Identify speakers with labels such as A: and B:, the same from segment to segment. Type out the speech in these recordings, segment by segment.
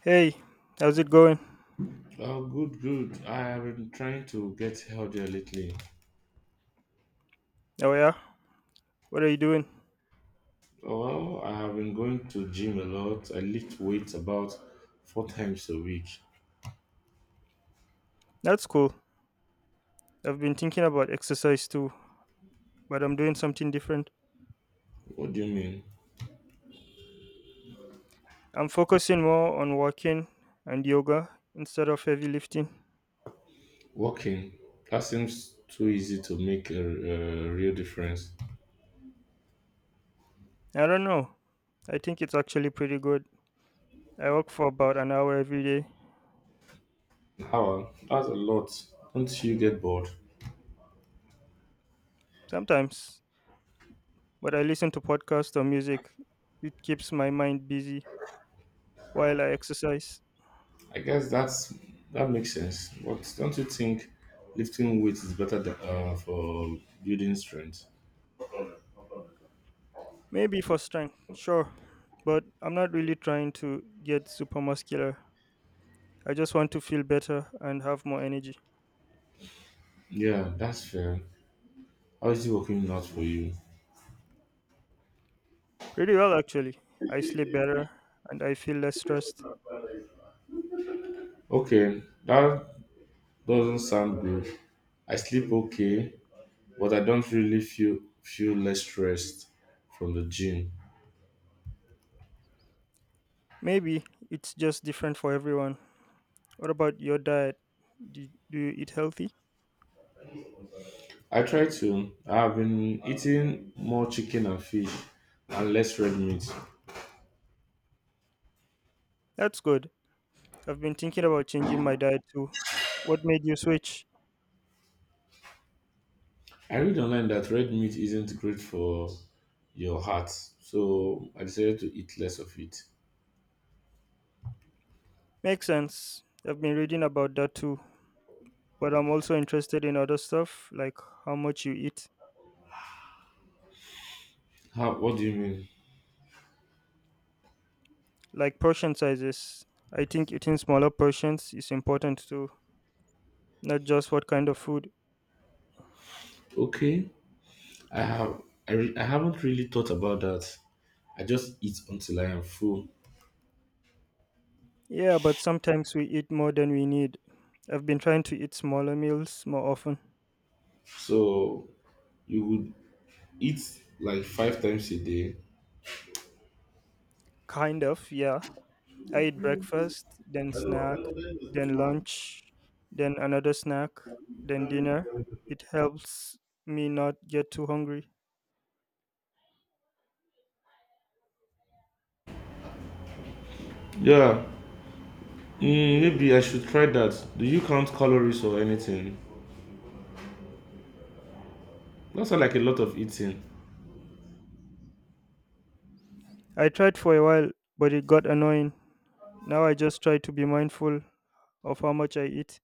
A: Hey, how's it going?
B: Oh, good, good. I have been trying to get healthier lately.
A: Oh, yeah? What are you doing?
B: Well, I have been going to gym a lot. I lift weights about 4 times a week.
A: That's cool. I've been thinking about exercise too, but I'm doing something different.
B: What do you mean?
A: I'm focusing more on walking and yoga instead of heavy lifting.
B: Walking. That seems too easy to make a real difference.
A: I don't know. I think it's actually pretty good. I walk for about an hour every day,
B: How? That's a lot. Don't you get bored?
A: sometimes, but I listen to podcasts or music. It keeps my mind busy while I exercise.
B: I guess that makes sense. But don't you think lifting weights is better than, for building strength?
A: Maybe for strength, sure, but I'm not really trying to get super muscular. I just want to feel better and have more energy.
B: Yeah, that's fair. How is it working out for you?
A: Pretty well, actually. I sleep better and I feel less stressed.
B: Okay, that doesn't sound good. I sleep okay, but I don't really feel less stressed from the gym.
A: Maybe it's just different for everyone. What about your diet? Do you eat healthy?
B: I try to. I've been eating more chicken and fish and less red meat.
A: That's good. I've been thinking about changing my diet too. What made you switch?
B: I read online that red meat isn't great for your heart, so I decided to eat less of it.
A: Makes sense. I've been reading about that too. But I'm also interested in other stuff, like how much you eat,
B: How? What do you mean?
A: like portion sizes. I think eating smaller portions is important too, not just what kind of food.
B: Okay, I have. I haven't really thought about that. I just eat until I am full.
A: Yeah, but sometimes we eat more than we need. I've been trying to eat smaller meals more often.
B: So you would eat like 5 times a day.
A: Kind of, yeah. I eat breakfast, then
B: Hello,
A: snack,
B: hello, very good
A: then
B: morning.
A: lunch, then another snack,
B: Good
A: then
B: morning.
A: dinner. It helps me not get too hungry.
B: Yeah, maybe I should try that. Do you count calories or anything? That sounds like a lot of eating.
A: I tried for a while, but it got annoying. Now I just try to be mindful of how much I eat.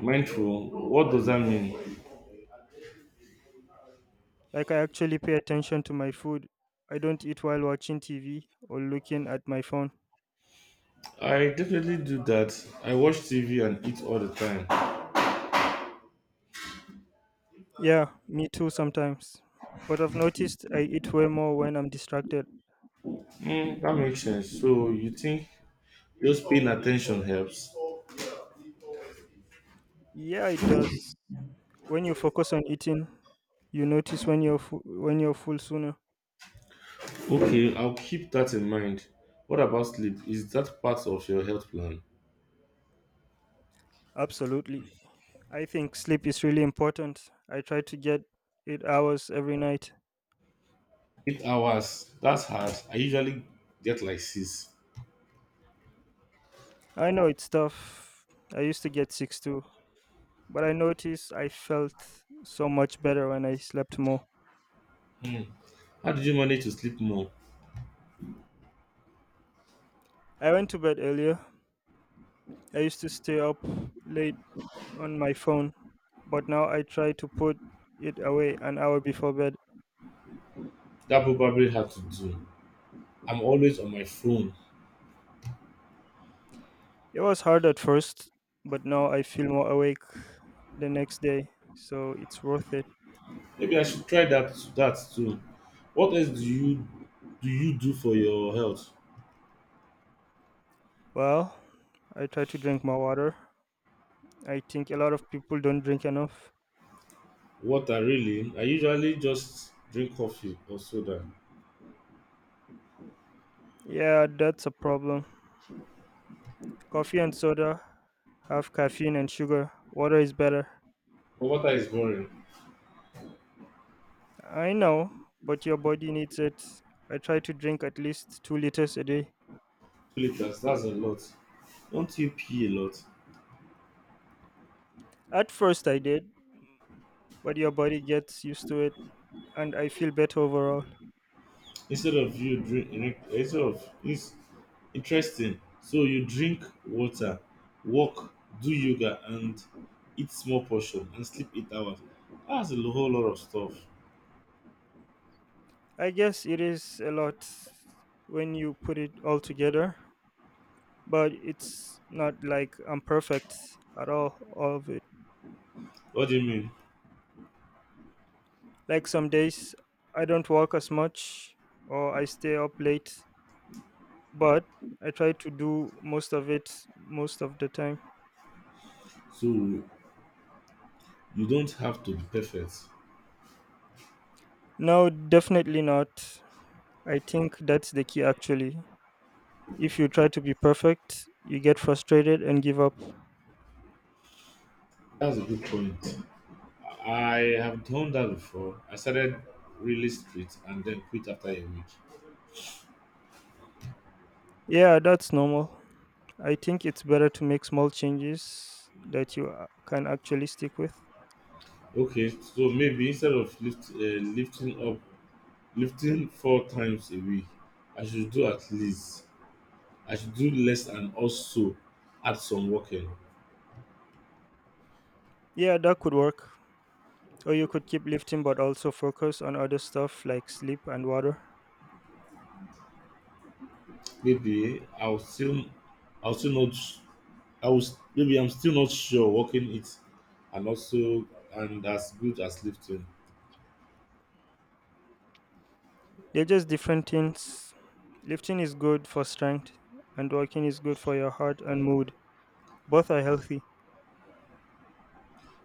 B: Mindful, what does that mean?
A: Like I actually pay attention to my food. I don't eat while watching TV or looking at my phone.
B: I definitely do that. I watch TV and eat all the time.
A: Yeah, me too sometimes. But I've noticed I eat way more when I'm distracted.
B: Mm, that makes sense. So you think just paying attention helps?
A: Yeah, it does. When you focus on eating, you notice when you're full sooner.
B: Okay, I'll keep that in mind. What about sleep? Is that part of your health plan?
A: Absolutely. I think sleep is really important. I try to get 8 hours every night.
B: 8 hours. That's hard. I usually get like six.
A: I know it's tough. I used to get 6 too, but I noticed I felt so much better when I slept more.
B: Hmm. How did you manage to sleep more?
A: I went to bed earlier. I used to stay up late on my phone, but now I try to put it away an hour before bed.
B: That probably had to do. I'm always on my phone.
A: It was hard at first, but now I feel more awake the next day, so it's worth it.
B: Maybe I should try that too. What else do you do for your health?
A: Well, I try to drink more water. I think a lot of people don't drink enough.
B: Water, really? I usually just drink coffee or soda.
A: Yeah, that's a problem. Coffee and soda have caffeine and sugar. Water is better.
B: But water is boring.
A: I know, but your body needs it. I try to drink at least 2 liters a day.
B: 2 liters, that's a lot. Don't you pee a lot?
A: At first I did, but your body gets used to it, and I feel better overall.
B: Instead of you drink instead of it's interesting. So you drink water, walk, do yoga and eat small portion and sleep 8 hours. That's a whole lot of stuff.
A: I guess it is a lot when you put it all together, but it's not like I'm perfect at all of it.
B: What do you mean?
A: Like some days I don't work as much or I stay up late, but I try to do most of it most of the time.
B: So you don't have to be perfect.
A: No, definitely not. I think that's the key actually. If you try to be perfect, you get frustrated and give up.
B: That's a good point. I have done that before. I started really straight and then quit after a week.
A: Yeah, that's normal. I think it's better to make small changes that can actually stick with.
B: Okay, so maybe instead of lifting up, lifting 4 times a week, I should do at least. I should do less and also add some working.
A: Yeah, that could work. Or you could keep lifting but also focus on other stuff like sleep and water.
B: Maybe I'll still, I'll still not. I was maybe I'm still not sure working it, and also and as good as lifting.
A: They're just different things. Lifting is good for strength, and walking is good for your heart and mood. Both are healthy.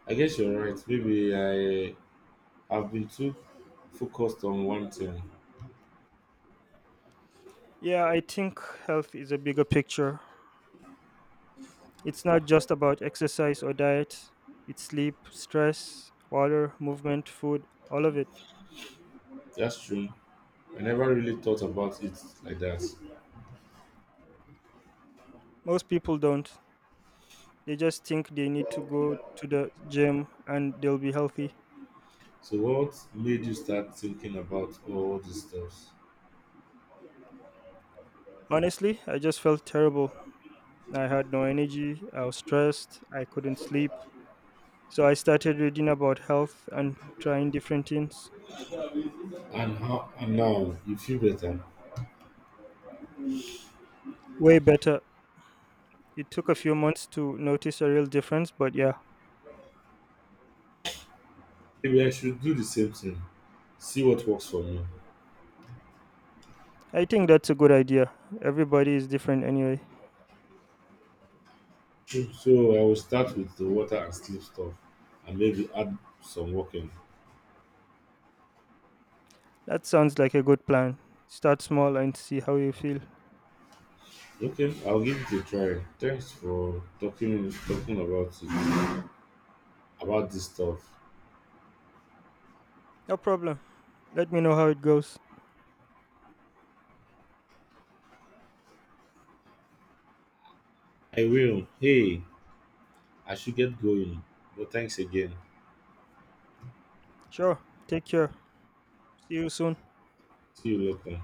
B: I guess you're right. Maybe I have been too focused on one thing.
A: Yeah, I think health is a bigger picture. It's not just about exercise or diet, it's sleep, stress, water, movement, food, all of it.
B: That's true. I never really thought about it like that.
A: Most people don't. They just think they need to go to the gym and they'll be healthy.
B: So what made you start thinking about all these stuff?
A: Honestly, I just felt terrible. I had no energy, I was stressed, I couldn't sleep, so I started reading about health and trying different things.
B: And now you feel better?
A: Way better. It took a few months to notice a real difference, but yeah,
B: Maybe I should do the same thing. See what works for me.
A: I think that's a good idea. Everybody is different anyway.
B: So I will start with the water and sleep stuff and maybe add some walking.
A: That sounds like a good plan. Start small and see how you feel.
B: Okay, I'll give it a try. Thanks for talking about it about this stuff.
A: No problem. Let me know how it goes.
B: I will. Hey, I should get going. But thanks again.
A: Sure. Take care. See you soon.
B: See you later.